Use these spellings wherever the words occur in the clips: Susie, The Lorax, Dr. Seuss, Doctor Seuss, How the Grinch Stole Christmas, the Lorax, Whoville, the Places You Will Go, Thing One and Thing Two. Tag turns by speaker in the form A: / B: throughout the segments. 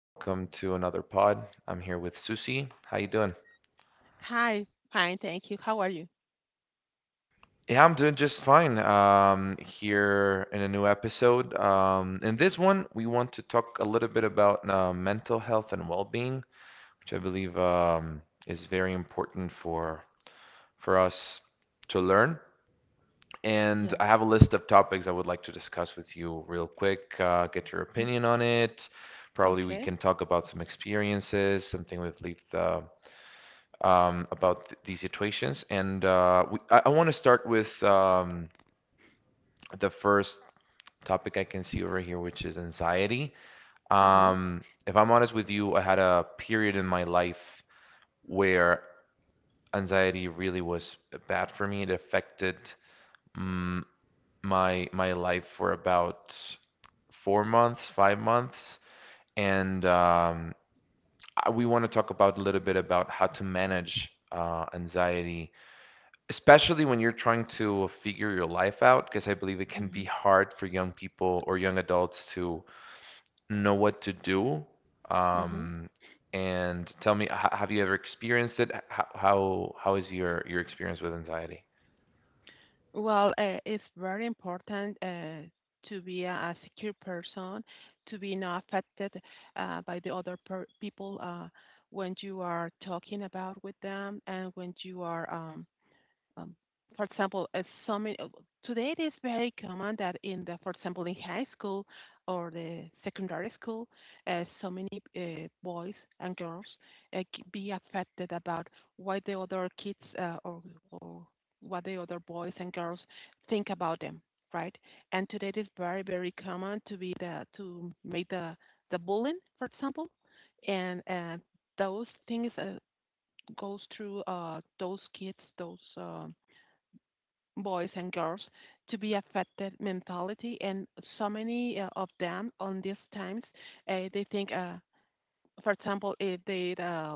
A: Welcome to another pod. I'm here with Susie. How you doing?
B: Hi. Fine, thank you. How are you?
A: Yeah, I'm doing just fine. Here in a new episode. In this one, we want to talk a little bit about mental health and well-being, which I believe is very important for us to learn. And
B: Yes.
A: I have a list of topics I would like to discuss with you real quick. Get your
B: Mm.
A: opinion on it. Probably we
B: Okay.
A: can talk about some experiences, something with lived about th these situations. And I want to start with the first topic I can see over here, which is anxiety.
B: Uh-huh.
A: If I'm honest with you, I had a period in my life where anxiety really was bad for me. It affected mm, my life for about 4 months, 5 months, and we want to talk about a little bit about how to manage anxiety, especially when you're trying to figure your life out, because I believe it can be
B: Hmm.
A: hard for young people or young adults to know what to do.
B: Hmm.
A: Um, and tell me, have you ever experienced it? How is your experience with anxiety?
B: Well, it's very important to be a secure person, to be not affected by the other people when you are talking about with them and when you are um, for example, as some today it is very common that for example, in high school or the secondary school, so many boys and girls uh, be affected about what the other kids or or what the other boys and girls think about them, right? And today it is very very common to be the to make the bullying, for example, and those things goes through those kids, those. Boys and girls to be affected mentality, and so many of them on these times they think for example if they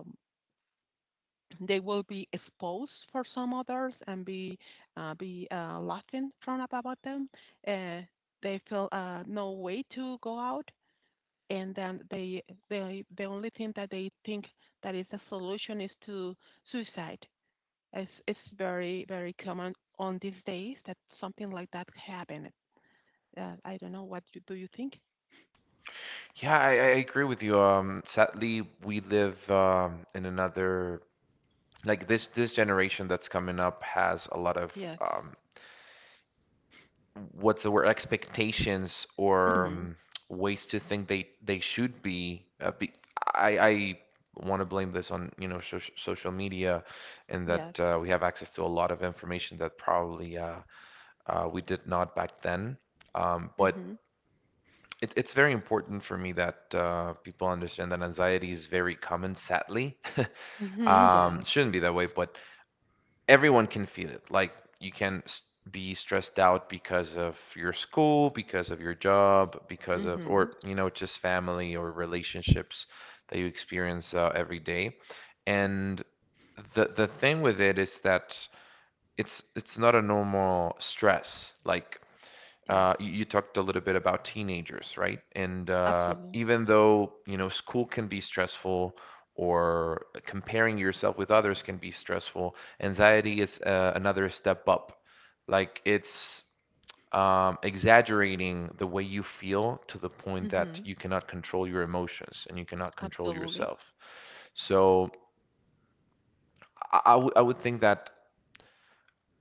B: they will be exposed for some others and be laughing from about them. uh, they feel no way to go out, and then the only thing that they think that is a solution is to suicide. It's very very common on these days that something like that happened. I don't know. Do you think?
A: Yeah, I agree with you. Sadly, we live in another, like, this generation that's coming up has a lot of
B: Yes.
A: um, what's the word, expectations or
B: Hmm.
A: ways to think they should be. I want to blame this on, so social media, and
B: Yes.
A: that we have access to a lot of information that probably we did not back then. But
B: Hmm.
A: it's very important for me that people understand that anxiety is very common, sadly.
B: Hmm. Yes.
A: Shouldn't be that way, but everyone can feel it. Like you can be stressed out because of your school, because of your job, because of,
B: Hmm.
A: or just family or relationships that you experience every day. And the thing with it is that it's not a normal stress. Like,
B: Yes.
A: you, you talked a little bit about teenagers, right? And
B: Absolutely.
A: even though, school can be stressful, or comparing yourself with others can be stressful, anxiety is another step up. Like, it's exaggerating the way you feel to the point that
B: Hmm.
A: you cannot control your emotions and you cannot control
B: Absolutely.
A: yourself. So I would think that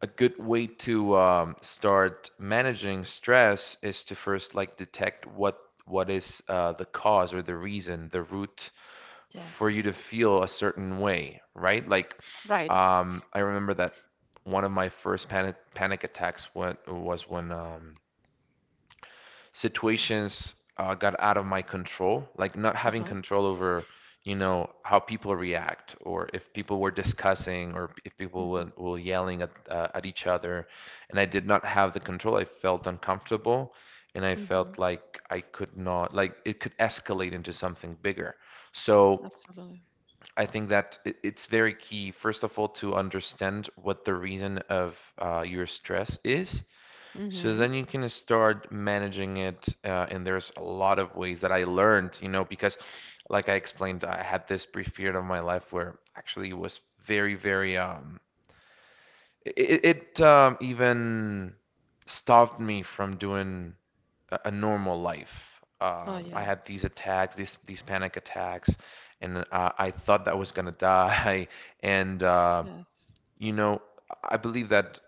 A: a good way to start managing stress is to first, like, detect what is the cause or the reason, the root
B: Yes.
A: for you to feel a certain way, right? Like,
B: Right.
A: I remember that one of my first panic attacks was when, situations got out of my control, like not having
B: Uh-huh.
A: control over, how people react, or if people were discussing, or if people
B: Hmm.
A: were yelling at each other. And I did not have the control. I felt uncomfortable, and I felt
B: Hmm.
A: like I could not, like it could escalate into something bigger. So
B: Absolutely.
A: I think that it's very key, first of all, to understand what the reason of your stress is, so
B: Hmm.
A: then you can start managing it. And there's a lot of ways that I learned, because, like I explained, I had this brief period of my life where actually it was very, very, it even stopped me from doing a normal life.
B: Oh,
A: I
B: yeah.
A: had these attacks, these panic attacks, and I thought that I was gonna die. And
B: Yes.
A: you know, I believe that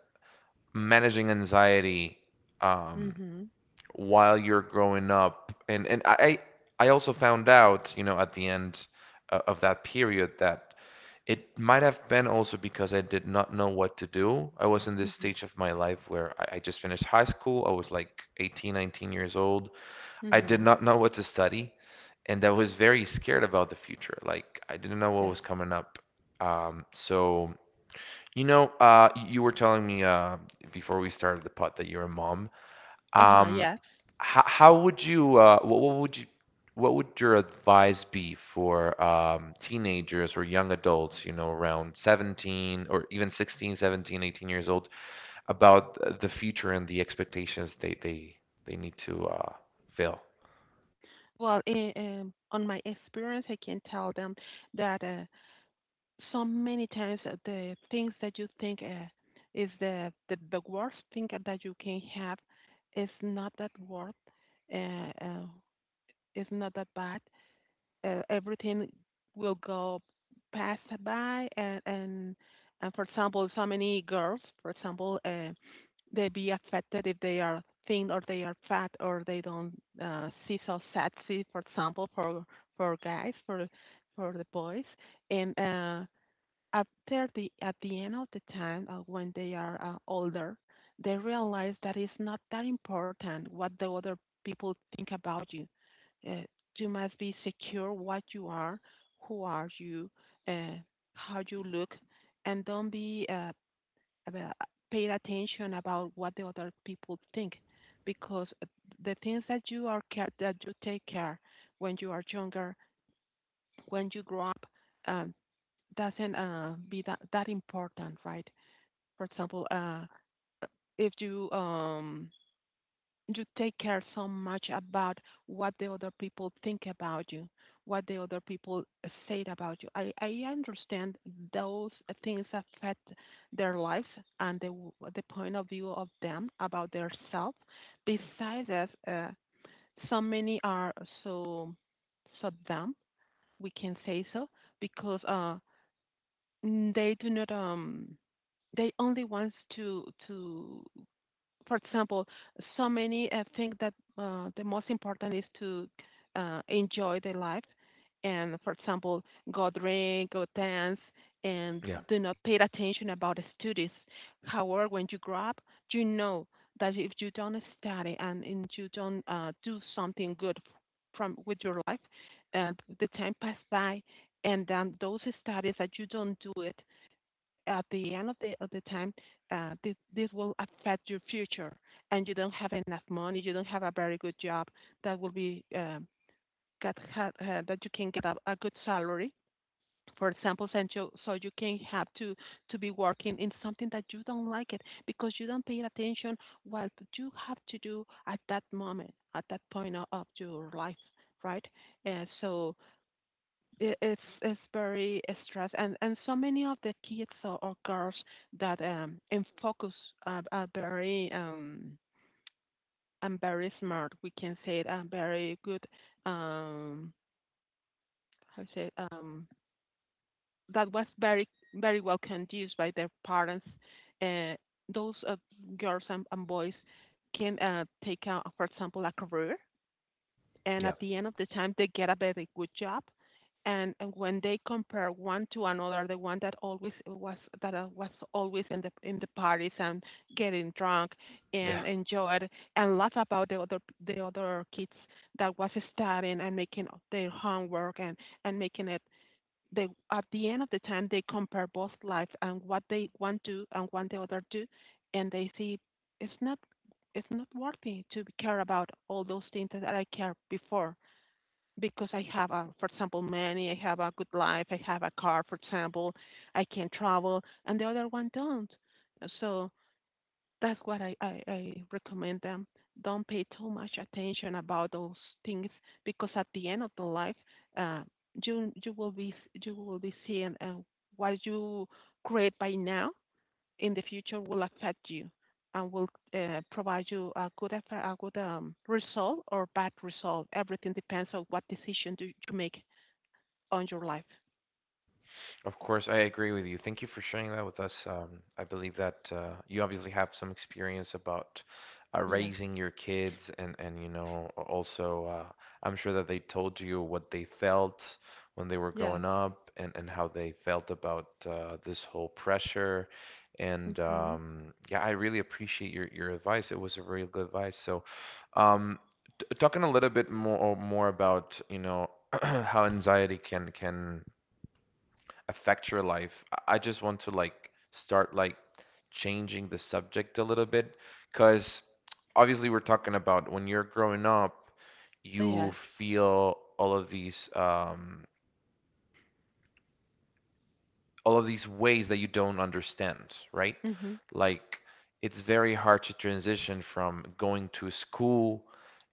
A: managing anxiety, um,
B: Hmm.
A: while you're growing up. And I also found out, at the end of that period, that it might have been also because I did not know what to do. I was in this
B: Hmm.
A: stage of my life where I just finished high school. I was like 18, 19 years old. I did
B: Hmm.
A: not know what to study, and I was very scared about the future. Like, I didn't know what was
B: Yes.
A: coming up. So, you were telling me before we started the pod that you're a mom.
B: Uh-huh.
A: Um,
B: Yeah.
A: how, how would you what would you what would your advice be for teenagers or young adults, around 17, or even 16, 17 18 years old, about the future and the expectations they need to fill?
B: Well, on my experience, I can tell them that so many times the things that you think is the worst thing that you can have is not that worth, uh, uh, is not that bad. Everything will go pass by, and for example, so many girls for example they be affected if they are thin or they are fat or they don't see so sexy, for example, for guys, for the boys. And after the at the end of the time, when they are older, they realize that it's not that important what the other people think about you. Uh, you must be secure what you are, who are you, uh, how you look, and don't be about- paid attention about what the other people think, because the things that you are care that you take care when you are younger, when you grow up. Um, doesn't be that important, right? For example, if you take care so much about what the other people think about you, what the other people say about you. I understand those things affect their lives and the point of view of them about their self. Besides that, so many are so so dumb, we can say so, because they do not, they only wants to for example, so many think that the most important is to enjoy their life, and for example, go drink, go dance, and
A: Yeah,
B: do not pay attention about the studies. However, when you grow up, you know that if you don't study, and you don't do something good from with your life, uh, the time pass by, and then those studies that you don't do it at the end of the time, this will affect your future, and you don't have enough money. You don't have a very good job that will be, get, that you can get a good salary, for example, and so you can have to be working in something that you don't like it because you don't pay attention what you have to do at that moment, at that point of your life, right? And so, it's very stress, and so many of the kids, or girls that, in focus, are very, and very smart, we can say it, and very good, um how to say it, that was very very well conducted by their parents. uh, those girls and boys can, take out, for example, a career, and at
A: yeah.
B: the end of the time they get a very good job. And when they compare one to another, the one that always was always in the parties and getting drunk and enjoyed, and laugh about the other kids that was studying and making their homework and making it. They at the end of the time they compare both lives and what they want to do and what the other do, and they see it's not, it's not worthy to care about all those things that I cared before, because I have a, for example, money. I have a good life, I have a car, for example, I can travel, and the other one don't. So that's what I recommend them. Don't pay too much attention about those things, because at the end of the life, uh, you you will be you will be seeing what you create by now in the future will affect you, and will provide you a good result or bad result. Everything depends on what decision do you make on your life.
A: Of course, I agree with you. Thank you for sharing that with us. I believe that you obviously have some experience about
B: Yes.
A: raising your kids, and, also, I'm sure that they told you what they felt when they were
B: Yes.
A: growing up, and how they felt about this whole pressure. And
B: Mhm.
A: um, yeah, I really appreciate your advice. It was a really good advice. So, um, t talking a little bit more about, how anxiety can affect your life. I just want to, like, start, like, changing the subject a little bit, because obviously we're talking about when you're growing up, you
B: Yes.
A: feel all of these ways that you don't understand, right?
B: Mhm.
A: Like, it's very hard to transition from going to school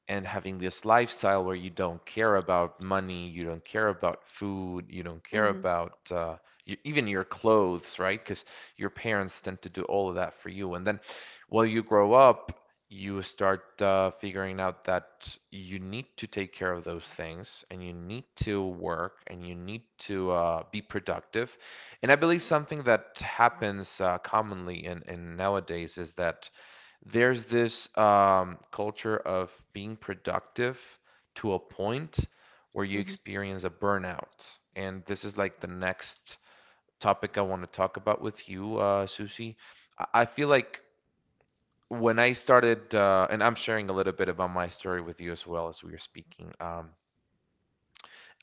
A: and having this lifestyle where you don't care about money, you don't care about food, you don't care
B: Mhm.
A: about y even your clothes, right? Because your parents tend to do all of that for you. And then while you grow up, you start figuring out that you need to take care of those things, and you need to work, and you need to be productive. And I believe something that happens commonly in nowadays, is that there's this culture of being productive to a point where you
B: Mhm.
A: experience a burnout. And this is like the next topic I want to talk about with you, Susie. I feel like when I started, and I'm sharing a little bit about my story with you as well as we are speaking.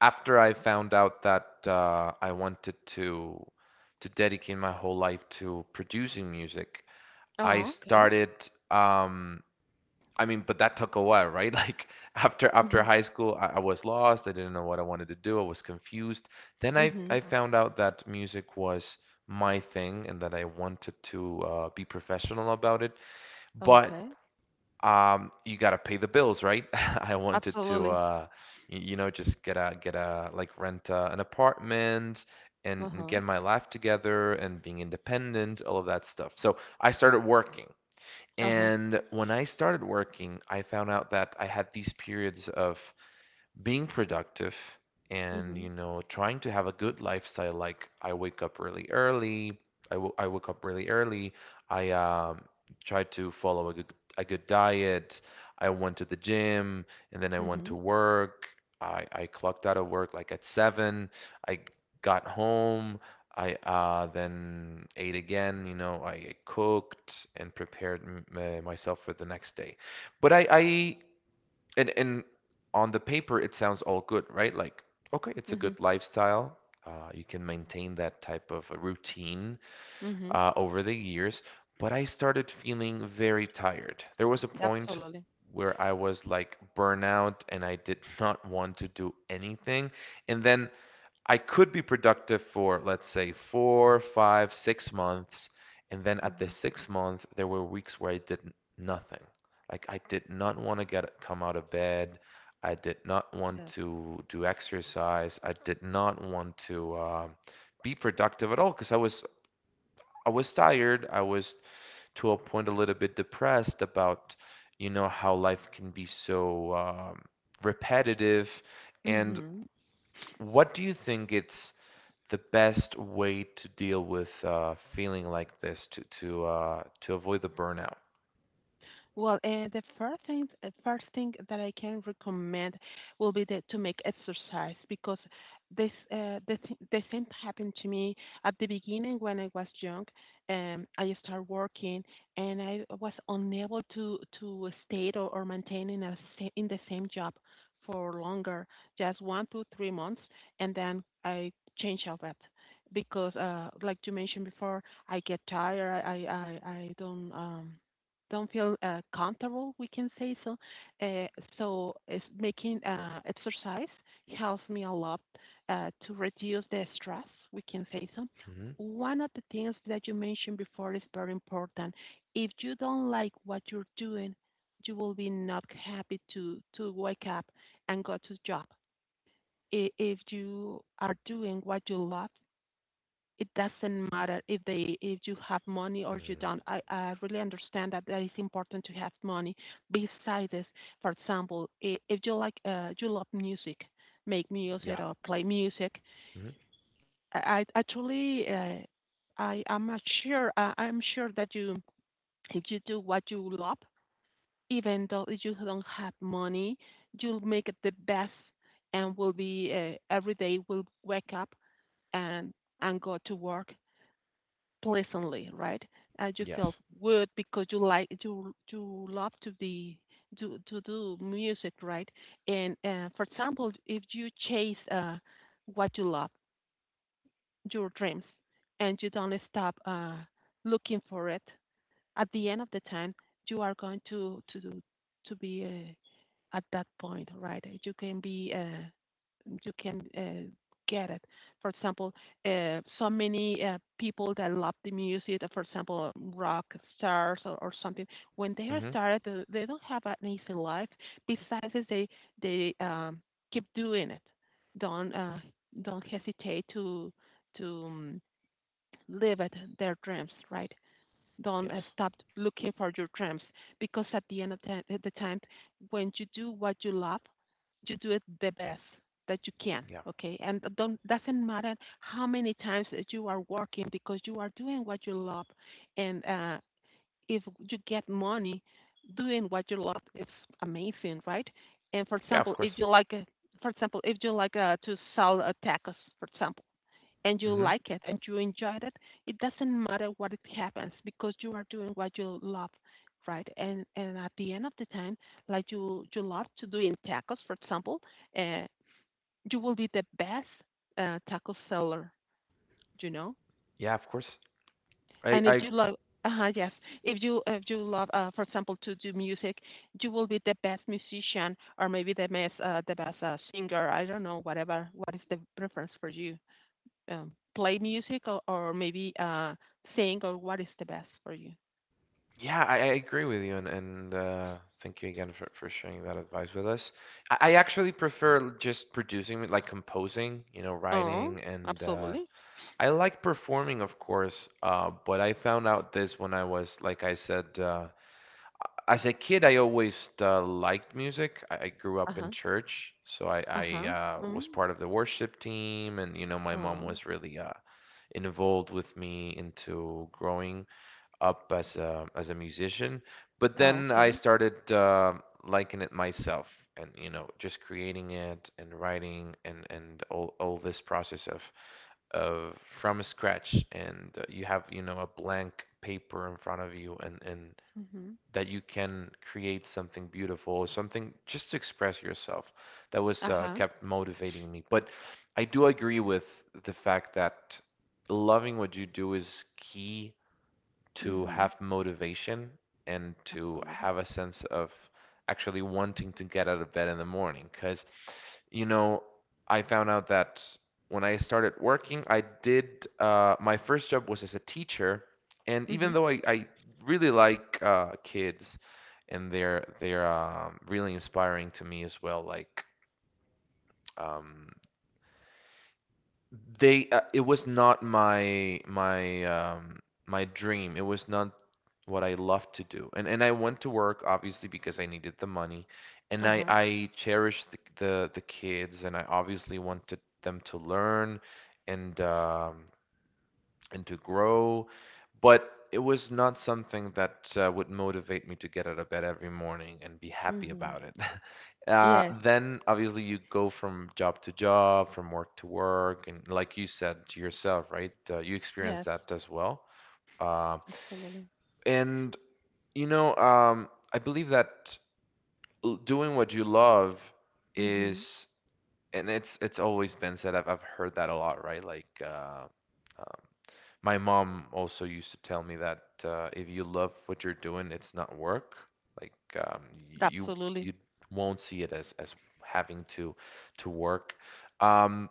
A: After I found out that I wanted to dedicate my whole life to producing music, I
B: Oh, okay.
A: started, um, I mean, but that took a while, right? Like, after
B: Mhm.
A: high school, I was lost. I didn't know what I wanted to do. I was confused. Then I
B: Mhm.
A: found out that music was my thing and that I wanted to be professional about it. But
B: Okay.
A: you gotta pay the bills, right? I wanted to
B: Absolutely.
A: just get a, like, rent an apartment. And
B: Uh-huh.
A: get my life together and being independent, all of that stuff. So I started working.
B: Uh-huh.
A: And when I started working, I found out that I had these periods of being productive, and
B: Mhm.
A: trying to have a good lifestyle. Like, I woke up really early. I try to follow a good diet. I went to the gym, and then I went to
B: Mhm.
A: work. I clocked out of work, like, at 7. I got home I then ate again. I cooked and prepared myself for the next day. But I and on the paper, it sounds all good, right? Like, okay, it's a
B: Mhm.
A: good lifestyle. You can maintain that type of a routine
B: Mhm.
A: over the years. But I started feeling very tired. There was a point
B: Absolutely.
A: where I was, like, burnout, and I did not want to do anything. And then I could be productive for, let's say, 4, 5, 6 months. And then at the
B: Mhm.
A: sixth month, there were weeks where I did nothing. Like, I did not want to get come out of bed. I did not want
B: Yes.
A: to do exercise. I did not want to be productive at all, because I was tired. I was, to a point, a little bit depressed about, how life can be so, repetitive. And
B: Mhm.
A: what do you think it's the best way to deal with feeling like this, to avoid the burnout?
B: Well, first thing that I can recommend will be to make exercise, because the same happened to me at the beginning when I was young. I started working and I was unable to stay, or maintain in in the same job for longer, just 1 to 3 months, and then I change all that, because, like you mentioned before, I get tired. I don't. Don't feel comfortable, we can say so. Uh, so it's making exercise helps me a lot to reduce the stress, we can say so.
A: Hmm.
B: One of the things that you mentioned before is very important. If you don't like what you're doing, you will be not happy to wake up and go to job. If you are doing what you love, it doesn't matter if you have money or you
A: Hmm.
B: don't. I really understand that that is important to have money. Besides this, for example, if you like, you love music, make music
A: Yeah.
B: or play music.
A: Hmm.
B: I truly, I am not sure. I'm sure that you if you do what you love, even though you don't have money, you'll make it the best, and will be, every day will wake up and and go to work pleasantly, right? And you feel
A: Yes.
B: good, because you like you love to be to do music, right? And for example, if you chase, what you love, your dreams, and you don't stop looking for it, at the end of the time, you are going to be, at that point, right? You can get it. For example, so many people that love the music, for example, rock stars or something, when they have
A: Hmm.
B: started, they don't have an easy life. Besides, they keep doing it. Don't uh, don't hesitate to live at their dreams, right? Don't
A: Yes.
B: stop looking for your dreams, because at the end of the time, when you do what you love, you do it the best that you can.
A: Yeah.
B: Okay, and don't doesn't matter how many times that you are working, because you are doing what you love, and if you get money doing what you love, it's amazing, right? And for
A: Yeah, of
B: example, if
A: course.
B: you like, for example, if you like to sell, tacos, for example, and you
A: Hmm.
B: like it and you enjoyed it, it doesn't matter what it happens, because you are doing what you love, right? And at the end of the time, like you love to do in tacos, for example, uh, you will be the best taco seller, you know.
A: Yeah, of course.
B: And if
A: I
B: you love, yes, if you love, for example, to do music, you will be the best musician, or maybe the best singer. I don't know, whatever. What is the preference for you? Play music, or maybe, sing, or what is the best for you?
A: Yeah, I agree with you, and thank you again for sharing that advice with us. I actually prefer just producing, like, composing,
B: Oh,
A: writing, and
B: absolutely.
A: I like performing, of course, but I found out this when I was, like I said, as a kid, I always liked music. I grew
B: Uh
A: up in
B: huh.
A: church, so I,
B: Uh
A: I
B: huh.
A: uh,
B: Mm.
A: was part of the worship team, and you know, my mom
B: Oh.
A: was really involved with me into growing up as a musician. But
B: Oh,
A: then I
B: okay.
A: started liking it myself, and you know, just creating it and writing and all this process of from scratch, and you have, you know, a blank paper in front of you, and
B: Mhm.
A: that you can create something beautiful, something just to express yourself. That was
B: Uh huh.
A: kept motivating me. But I do agree with the fact that loving what you do is key to
B: Mhm.
A: have motivation and to
B: Absolutely.
A: have a sense of actually wanting to get out of bed in the morning. Because, you know, I found out that when I started working, I did my first job was as a teacher, and even
B: Mhm.
A: though I really like kids, and they're really inspiring to me as well, like um, they it was not my my dream. It was not what I loved to do. And I went to work obviously because I needed the money. And
B: Uh
A: I
B: huh.
A: I cherished the kids, and I obviously wanted them to learn, and and to grow. But it was not something that would motivate me to get out of bed every morning and be happy
B: Mhm.
A: about it.
B: Yes.
A: Then obviously you go from job to job, from work to work, and like you said to yourself, right? You experience
B: Yes.
A: that as well. Uh,
B: Absolutely.
A: and you know, I believe that doing what you love
B: Mhm.
A: is, and it's always been said. I've heard that a lot, right? Like, um, my mom also used to tell me that if you love what you're doing, it's not work. Like, um, you
B: Absolutely.
A: you won't see it as having to work. Um,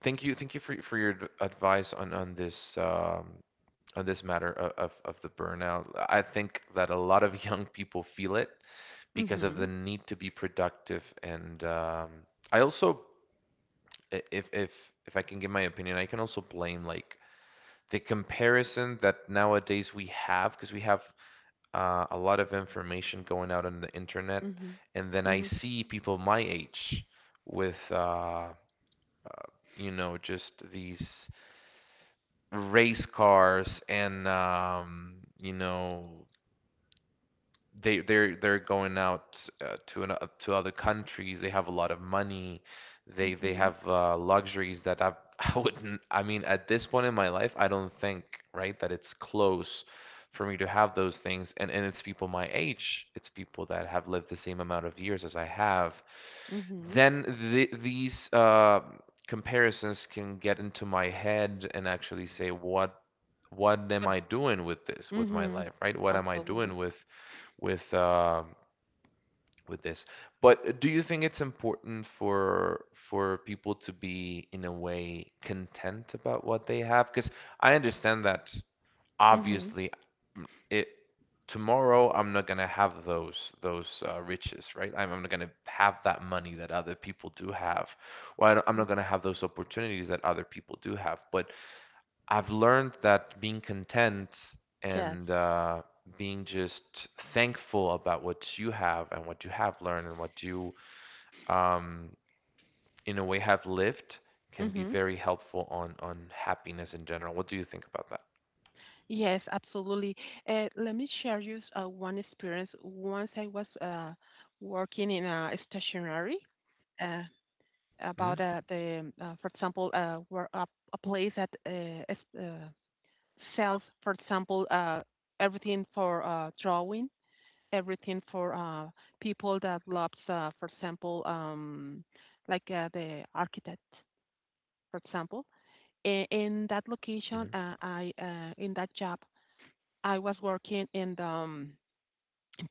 A: thank you for your advice on this matter of, of the burnout. I think that a lot of young people feel it because of the
B: Mhm.
A: need to be productive, and I also, if if I can give my opinion, I can also blame like the comparison that nowadays we have, because we have a lot of information going out on the internet,
B: Mhm.
A: and then I
B: Mhm.
A: see people my age with you know, just these race cars and you know, they're going out to other countries. They have a lot of money. They
B: Mhm.
A: have luxuries that I I wouldn't. I mean, at this point in my life, I don't think, right, that it's close for me to have those things. And it's people my age. It's people that have lived the same amount of years as I have.
B: Mhm.
A: Then th these comparisons can get into my head and actually say, what am
B: But.
A: I doing with this, with my
B: Mhm.
A: life, right? What am I doing
B: Absolutely.
A: with with uh, with this? But do you think it's important for people to be in a way content about what they have? Because I understand that
B: Mhm.
A: obviously it, tomorrow I'm not gonna have those those riches, right? I'm not gonna have that money that other people do have. Well, I don't- I'm not
B: Mhm.
A: gonna have those opportunities that other people do have. But I've learned that being content
B: Yes.
A: and being just thankful about what you have and what you have learned and what you, um, in a way, have lived can be
B: Mhm.
A: very helpful on happiness in general. What do you think about that?
B: Yes, absolutely. Let me share you one experience. Once I was working in a stationery, uh, about
A: Hmm
B: the, for example, where a, place that is, sells, for example, everything for drawing, everything for people that loves, for example, like the architect, for example. In that location,
A: hmm
B: I in that job, I was working in the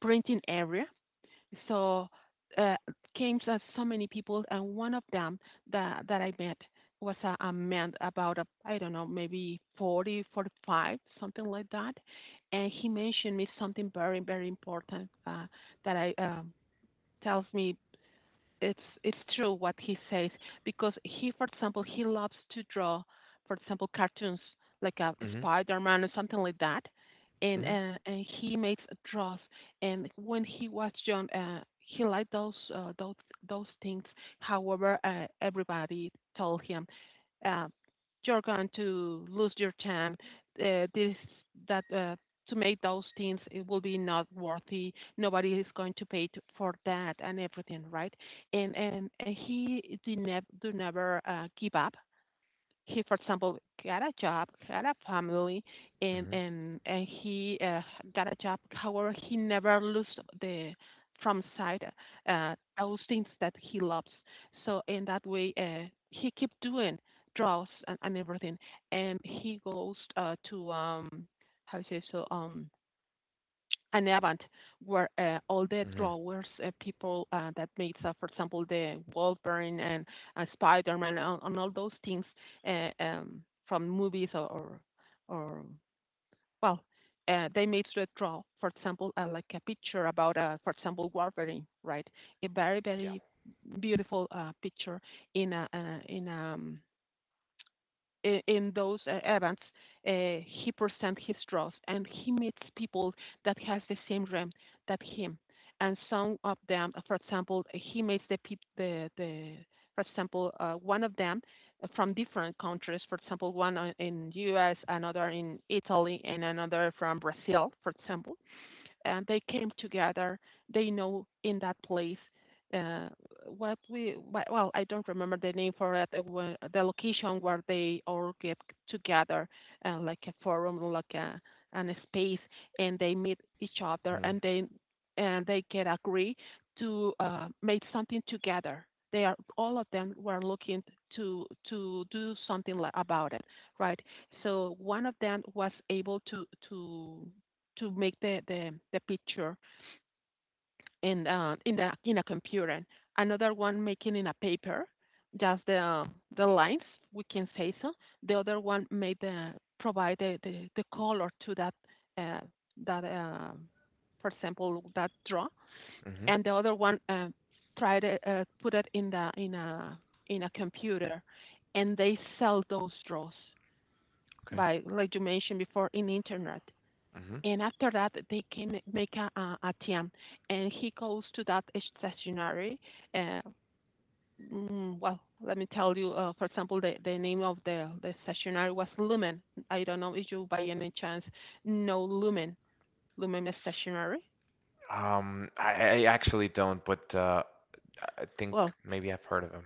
B: printing area, so uh, came to so many people, and one of them that I met was a man about a, I don't know, maybe 40, 45, something like that, and he mentioned me something very, very important, that I, tells me it's true what he says, because he, for example, he loves to draw, for example, cartoons like a
A: hmm
B: Spider-Man or something like that, and
A: hmm
B: uh, and he makes draws. And when he was young, he liked those things. However, everybody told him, uh, "You're going to lose your time. This that." To make those things, it will be not worthy. Nobody is going to pay to, for that, and everything, right? And he did never do never, give up. He, for example, got a job, had a family, and
A: hmm
B: and and he, got a job. However, he never lost the from sight, those things that he loves. So in that way, he keep doing draws and everything, and he goes to, how do you say, so, an Avant, where all the
A: hmm
B: drawers, people that made, for example, the Wolverine and Spider-Man and all those things, uh, um, from movies, or, well, they made to draw, for example, like a picture about, for example, Wolverine, right? A very,
A: Yeah.
B: very beautiful picture in a, in those events, he presents his draws and he meets people that has the same dream that him. And some of them, for example, he meets the peop- the for example, one of them, from different countries. For example, one in U.S., another in Italy, and another from Brazil, for example, and they came together. They know in that place, uh, what we, well, I don't remember the name for it. The location where they all get together, like a forum, like a and a space, and they meet each other,
A: hmm
B: and they can agree to, make something together. They are all of them were looking to do something about it, right? So one of them was able to make the picture in, in the in a computer. Another one making in a paper, just the lines, we can say so. The other one made the provide the color to that, uh, that uh, for example, that draw,
A: hmm
B: and the other one, try to, put it in the in a computer, and they sell those draws
A: Okay.
B: by, like you mentioned before, in internet,
A: hmm
B: and after that, they can make a team, and he goes to that stationery. Uh, well, let me tell you. For example, the name of the stationery was Lumen. I don't know if you, by any chance, know Lumen, Lumen Stationery.
A: I actually don't, but I think
B: Well,
A: maybe I've heard of him.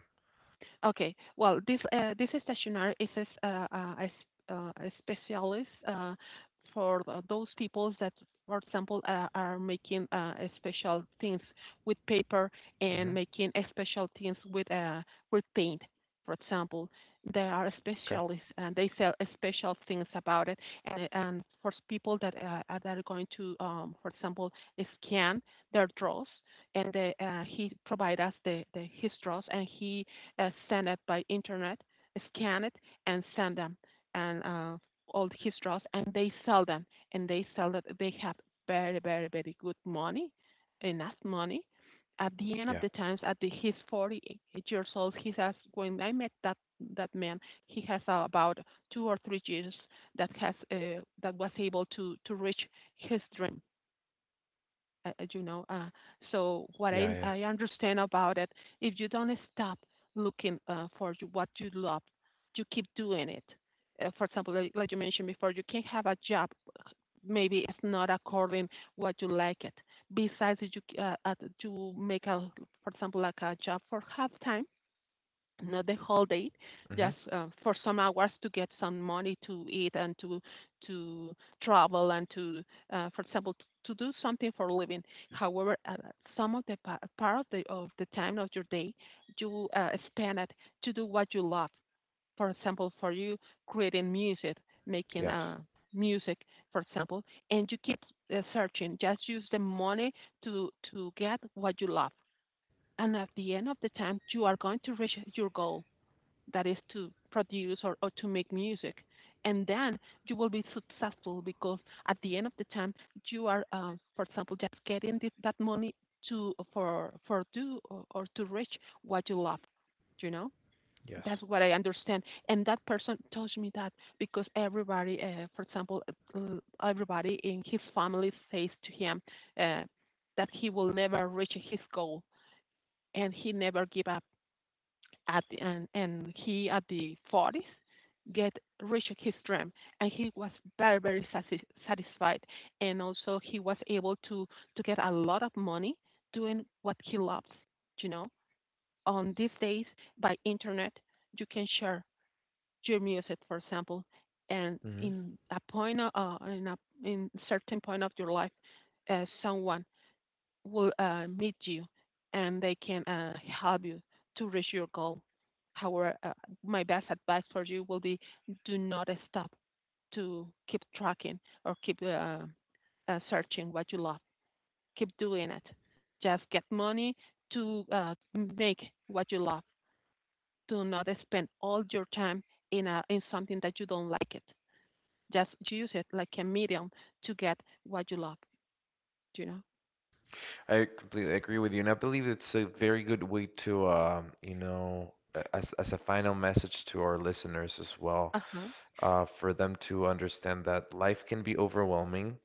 B: okay. Well, this stationer is a specialist, for those people that, for example, are making, special things with paper, and
A: Hmm
B: making special things with, paint. For example, there are
A: Okay.
B: specialists and they sell special things about it. And for people that are going to, for example, scan their draws, and they, he provides us the his draws, and he, send it by internet, scan it, and send them, and all his draws, and they sell them, and they sell that they have very, very, very good money, enough money. At the end of
A: Yeah.
B: the times, at the, he's 40 years old, he says. When I met that man, he has about 2 or 3 years that was able to reach his dream, you know. So what I
A: Yeah. Yeah.
B: I understand about it, if you don't stop looking, for what you love, you keep doing it. For example, like you mentioned before, you can have a job. Maybe it's not according what you like it. Besides, you, to make a, for example, like a job for half time, not the whole day,
A: hmm
B: just for some hours to get some money to eat and to travel, and to, for example, to do something for a living. However, some of part of the time of your day, you, spend it to do what you love. For example, for you, creating music, making,
A: Yes.
B: music, for example, and you keep, searching. Just use the money to get what you love, and at the end of the time, you are going to reach your goal, that is to produce, or to make music, and then you will be successful, because at the end of the time, you are, for example, just getting this, that money to, for do, or to reach what you love, you know.
A: Yes.
B: That's what I understand, and that person told me that, because everybody, for example, everybody in his family says to him, uh, that he will never reach his goal, and he never give up at the, and he at the 40s get reached his dream, and he was very, very satisfied, and also he was able to get a lot of money doing what he loves, you know. On these days, by internet, you can share your music, for example, and
A: Mhm.
B: in a point, in certain point of your life, someone will, meet you, and they can, help you to reach your goal. However, my best advice for you will be, do not stop to keep tracking, or keep, searching what you love. Keep doing it. Just get money to, make what you love. Do not spend all your time in, a, in something that you don't like it. Just use it like a medium to get what you love, you know?
A: I completely agree with you, and I believe it's a very good way to, you know, as a final message to our listeners as well,
B: Uh-huh.
A: for them to understand that life can be overwhelming.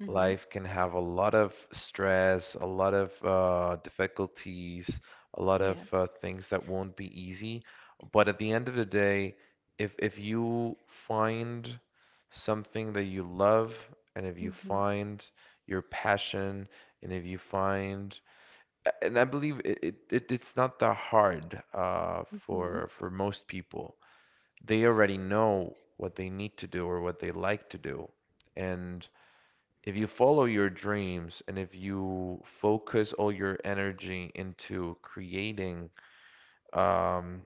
B: Mm-hmm.
A: Life can have a lot of stress, a lot of difficulties, a lot of
B: Yes.
A: things that won't be easy. But at the end of the day, if you find something that you love, and if you
B: Mm-hmm.
A: find your passion, and if you find, and I believe it, it, it's not that hard
B: Mm-hmm.
A: for most people. They already know what they need to do or what they like to do. And if you follow your dreams, and if you focus all your energy into creating um,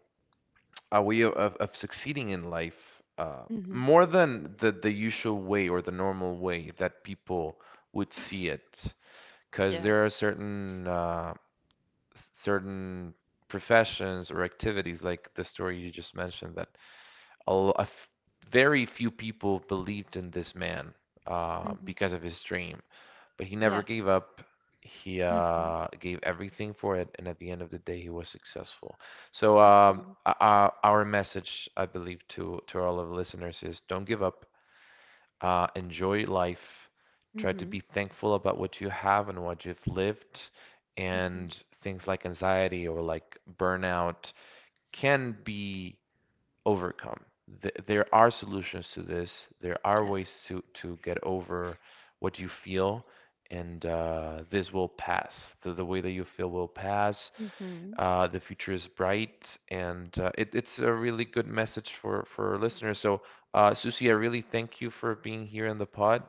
A: a way of, of succeeding in life,
B: Mhm.
A: more than the usual way or the normal way that people would see it, because
B: Yes.
A: there are certain certain professions or activities, like the story you just mentioned, that a, very few people believed in this man
B: Mhm.
A: because of his dream, but he never
B: Yes.
A: gave up. He
B: Mhm.
A: gave everything for it, and at the end of the day, he was successful. So,
B: Absolutely.
A: our message, I believe, to all of the listeners is, don't give up. Enjoy life. Try to be
B: Mhm.
A: thankful about what you have and what you've lived.
B: Mhm.
A: And things like anxiety or like burnout can be overcome. There are solutions to this. There are
B: Yes.
A: ways to get over what you feel, and this will pass. The way that you feel will pass.
B: Mhm.
A: The future is bright, and it, it's a really good message for our listeners. So, Susie, I really thank you for being here in the pod.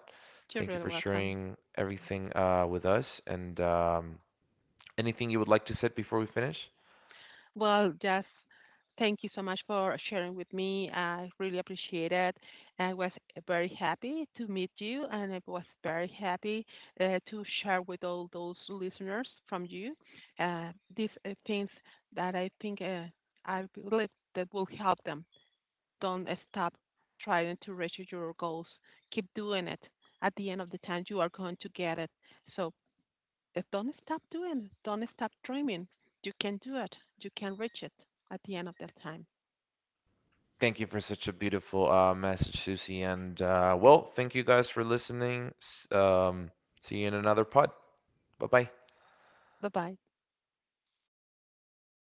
B: You're
A: Thank you
B: really
A: for
B: welcome.
A: sharing everything with us. And anything you would like to say before we finish?
B: Well, just thank you so much for sharing with me. I really appreciate it. I was very happy to meet you, and I was very happy, to share with all those listeners from you, these, things that I think, I believe that will help them. Don't stop trying to reach your goals. Keep doing it. At the end of the time, you are going to get it. So, don't stop doing it. Don't stop dreaming. You can do it. You can reach it at the end of the time.
A: Thank you for such a beautiful message, Susie. And well, thank you guys for listening. See you in another pod. Bye bye.
B: Bye bye.